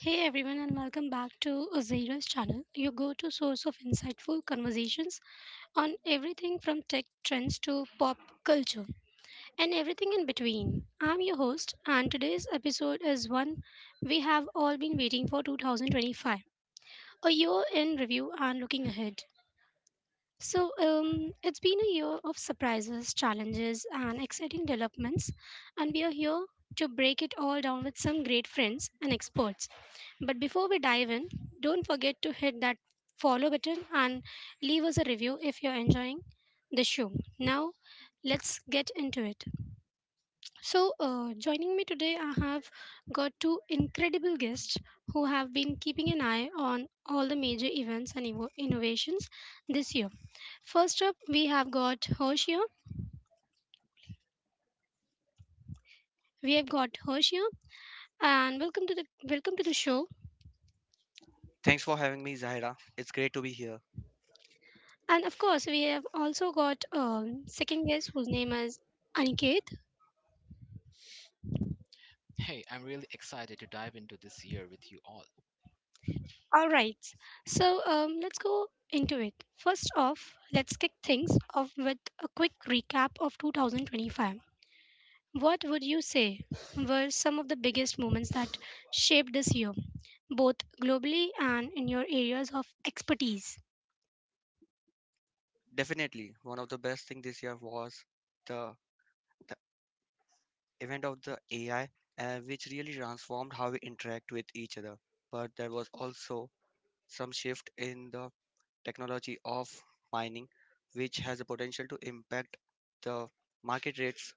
Hey everyone, and welcome back to Ozira's channel, your go to source of insightful conversations on everything from tech trends to pop culture and everything in between. I'm your host, and today's episode is one we have all been waiting for 2025, a year in review and looking ahead. It's been a year of surprises, challenges, and exciting developments, and we are here to break it all down with some great friends and experts. But before we dive in, don't forget to hit that follow button and leave us a review if you're enjoying the show. Now, let's get into it. Joining me today, I have got two incredible guests who have been keeping an eye on all the major events and innovations this year. First up, we have got Hoshio. We have got Hoshio, and welcome to the Welcome to the show. Thanks for having me, Zahira. It's great to be here. And of course, we have also got second guest whose name is Aniket. Hey, I'm really excited to dive into this year with you all. All right, let's go into it. First off, let's kick things off with a quick recap of 2025. What would you say were some of the biggest moments that shaped this year, both globally and in your areas of expertise? Definitely, one of the best things this year was the, the event of the AI, which really transformed how we interact with each other. But there was also some shift in the technology of mining, which has the potential to impact the market rates,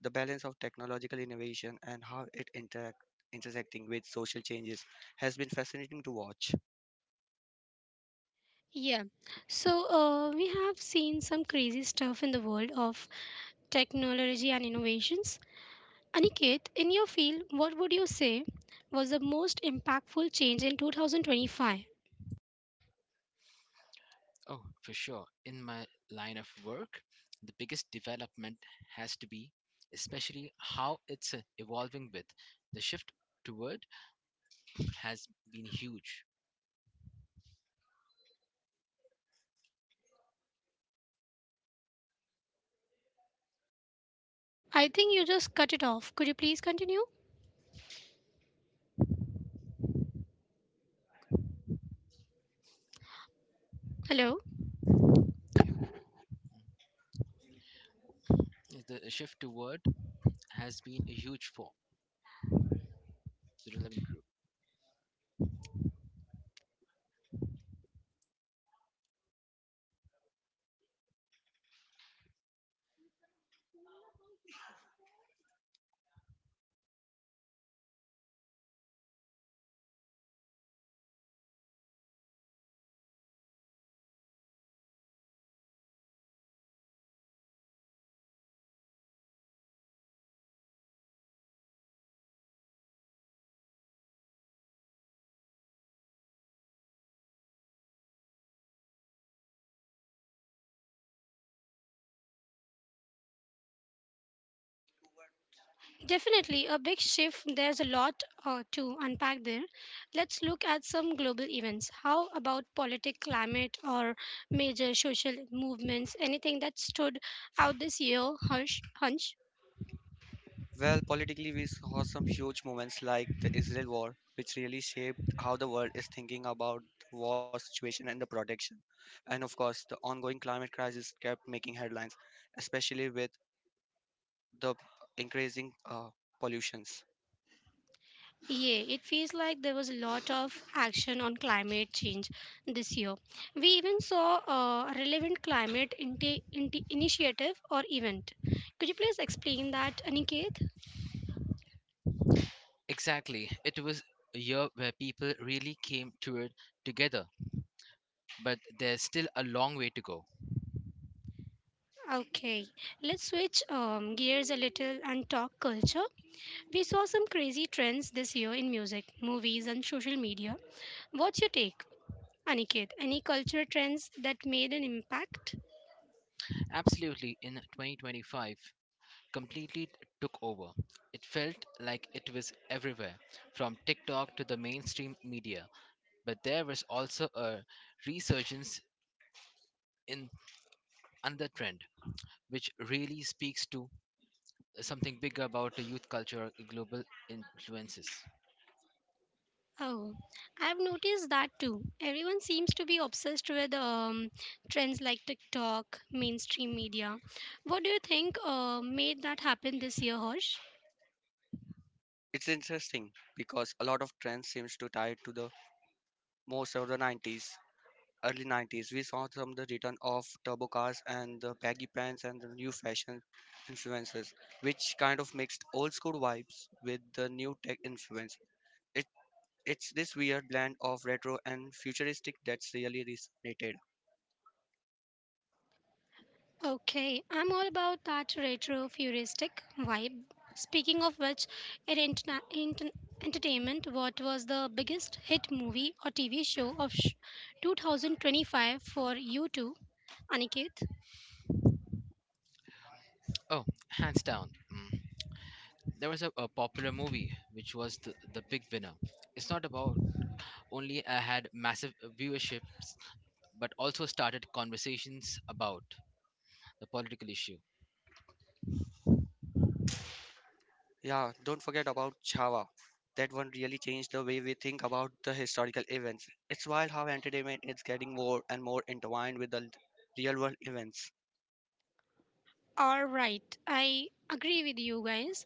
the balance of technological innovation, and how it interact intersecting with social changes has been fascinating to watch. Yeah. We have seen some crazy stuff in the world of technology and innovations. Aniket, in your field, what would you say was the most impactful change in 2025? Oh, for sure. In my line of work, the biggest development has to be, especially how it's evolving with. The shift toward has been huge. I think you just cut it off. Could you please continue? Hello? The shift toward has been huge for the relevant group. Definitely a big shift. There's a lot to unpack there. Let's look at some global events. How about political climate or major social movements? Anything that stood out this year, Harsh? Hunch? Well, politically, we saw some huge moments like the Israel war, which really shaped how the world is thinking about the war situation and the protection. And of course, the ongoing climate crisis kept making headlines, especially with the increasing pollutions. Yeah, it feels like there was a lot of action on climate change this year. We even saw a relevant climate initiative or event. Could you please explain that, Aniket? Exactly. It was a year where people really came toward together, but there's still a long way to go. Okay, let's switch gears a little and talk culture. We saw some crazy trends this year in music, movies, and social media. What's your take, Aniket? Any cultural trends that made an impact? Absolutely. In 2025, completely took over. It felt like it was everywhere, from TikTok to the mainstream media. But there was also a resurgence in another trend, which really speaks to something bigger about the youth culture global influences. Oh, I've noticed that too. Everyone seems to be obsessed with trends like TikTok, mainstream media. What do you think made that happen this year, Harsh? It's interesting because a lot of trends seems to tie to the most of the 90s, early 90s, we saw some the return of turbo cars and the baggy pants and the new fashion influences, which kind of mixed old school vibes with the new tech influence. It it's this weird blend of retro and futuristic that's really resonated. Okay, I'm all about that retro futuristic vibe. Speaking of which, in entertainment, what was the biggest hit movie or TV show of 2025 for you two, Aniket? Oh, hands down. There was a popular movie which was the big winner. It's not about only had massive viewerships, but also started conversations about the political issue. Yeah, don't forget about Chava. That one really changed the way we think about the historical events. It's wild how entertainment is getting more and more intertwined with the real world events. All right, I agree with you guys.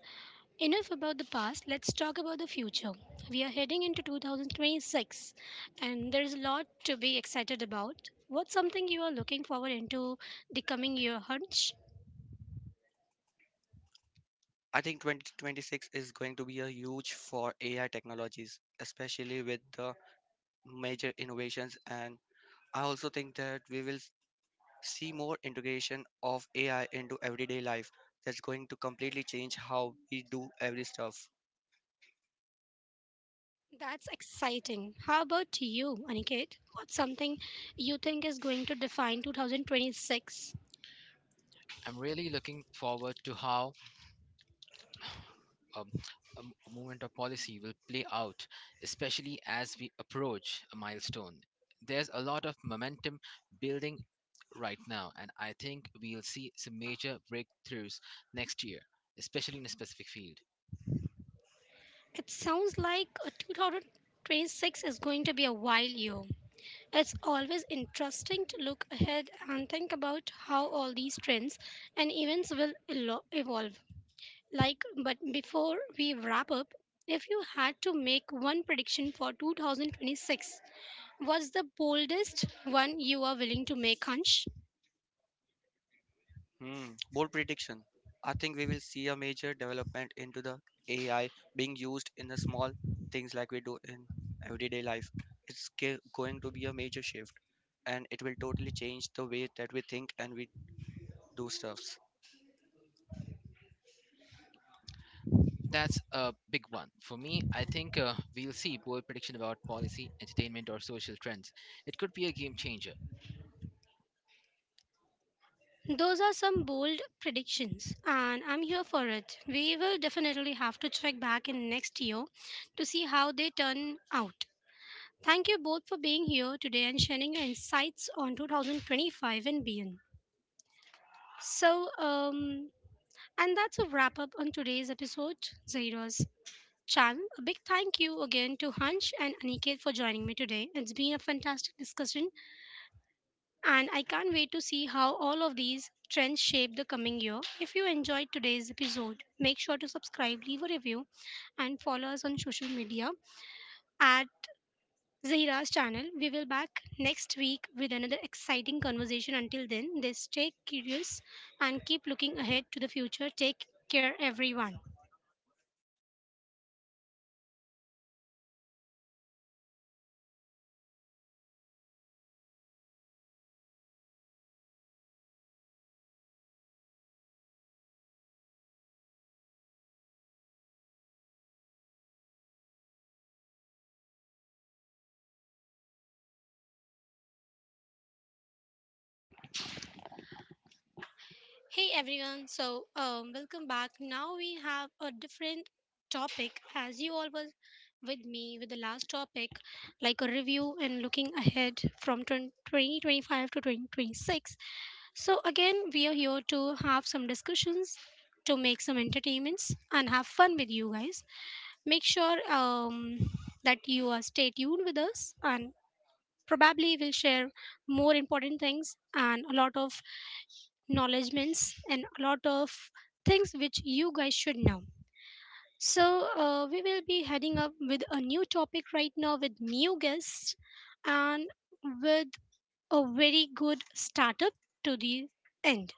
Enough about the past, let's talk about the future. We are heading into 2026 and there is a lot to be excited about. What's something you are looking forward into the coming year, Hunch? I think 2026 is going to be a huge for AI technologies, especially with the major innovations. And I also think that we will see more integration of AI into everyday life. That's going to completely change how we do every stuff. That's exciting. How about you, Aniket? What's something you think is going to define 2026? I'm really looking forward to how um, a movement of policy will play out, especially as we approach a milestone. There's a lot of momentum building right now, and I think we'll see some major breakthroughs next year, especially in a specific field. It sounds like a 2026 is going to be a wild year. It's always interesting to look ahead and think about how all these trends and events will evolve. Like, but before we wrap up, if you had to make one prediction for 2026, what's the boldest one you are willing to make, Hansh? Hmm. Bold prediction. I think we will see a major development into the AI being used in the small things like we do in everyday life. It's going to be a major shift, and it will totally change the way that we think and we do stuffs. That's a big one. For me, I think we'll see bold prediction about policy, entertainment, or social trends. It could be a game changer. Those are some bold predictions, and I'm here for it. We will definitely have to check back in next year to see how they turn out. Thank you both for being here today and sharing your insights on 2025 and beyond. So, um, and that's a wrap up on today's episode, Zairos. Chan, a big thank you again to Hunch and Aniket for joining me today. It's been a fantastic discussion, and I can't wait to see how all of these trends shape the coming year. If you enjoyed today's episode, make sure to subscribe, leave a review, and follow us on social media at Zahira's channel. We will back next week with another exciting conversation. Until then, they stay curious and keep looking ahead to the future. Take care, everyone. Hey everyone, welcome back. Now we have a different topic, as you all was with me with the last topic like a review and looking ahead from twen- 20 2025 to 2026. So again, we are here to have some discussions, to make some entertainments and have fun with you guys. Make sure that you are stay tuned with us, and probably we'll share more important things, and a lot of acknowledgements, and a lot of things which you guys should know. We will be heading up with a new topic right now with new guests and with a very good startup to the end.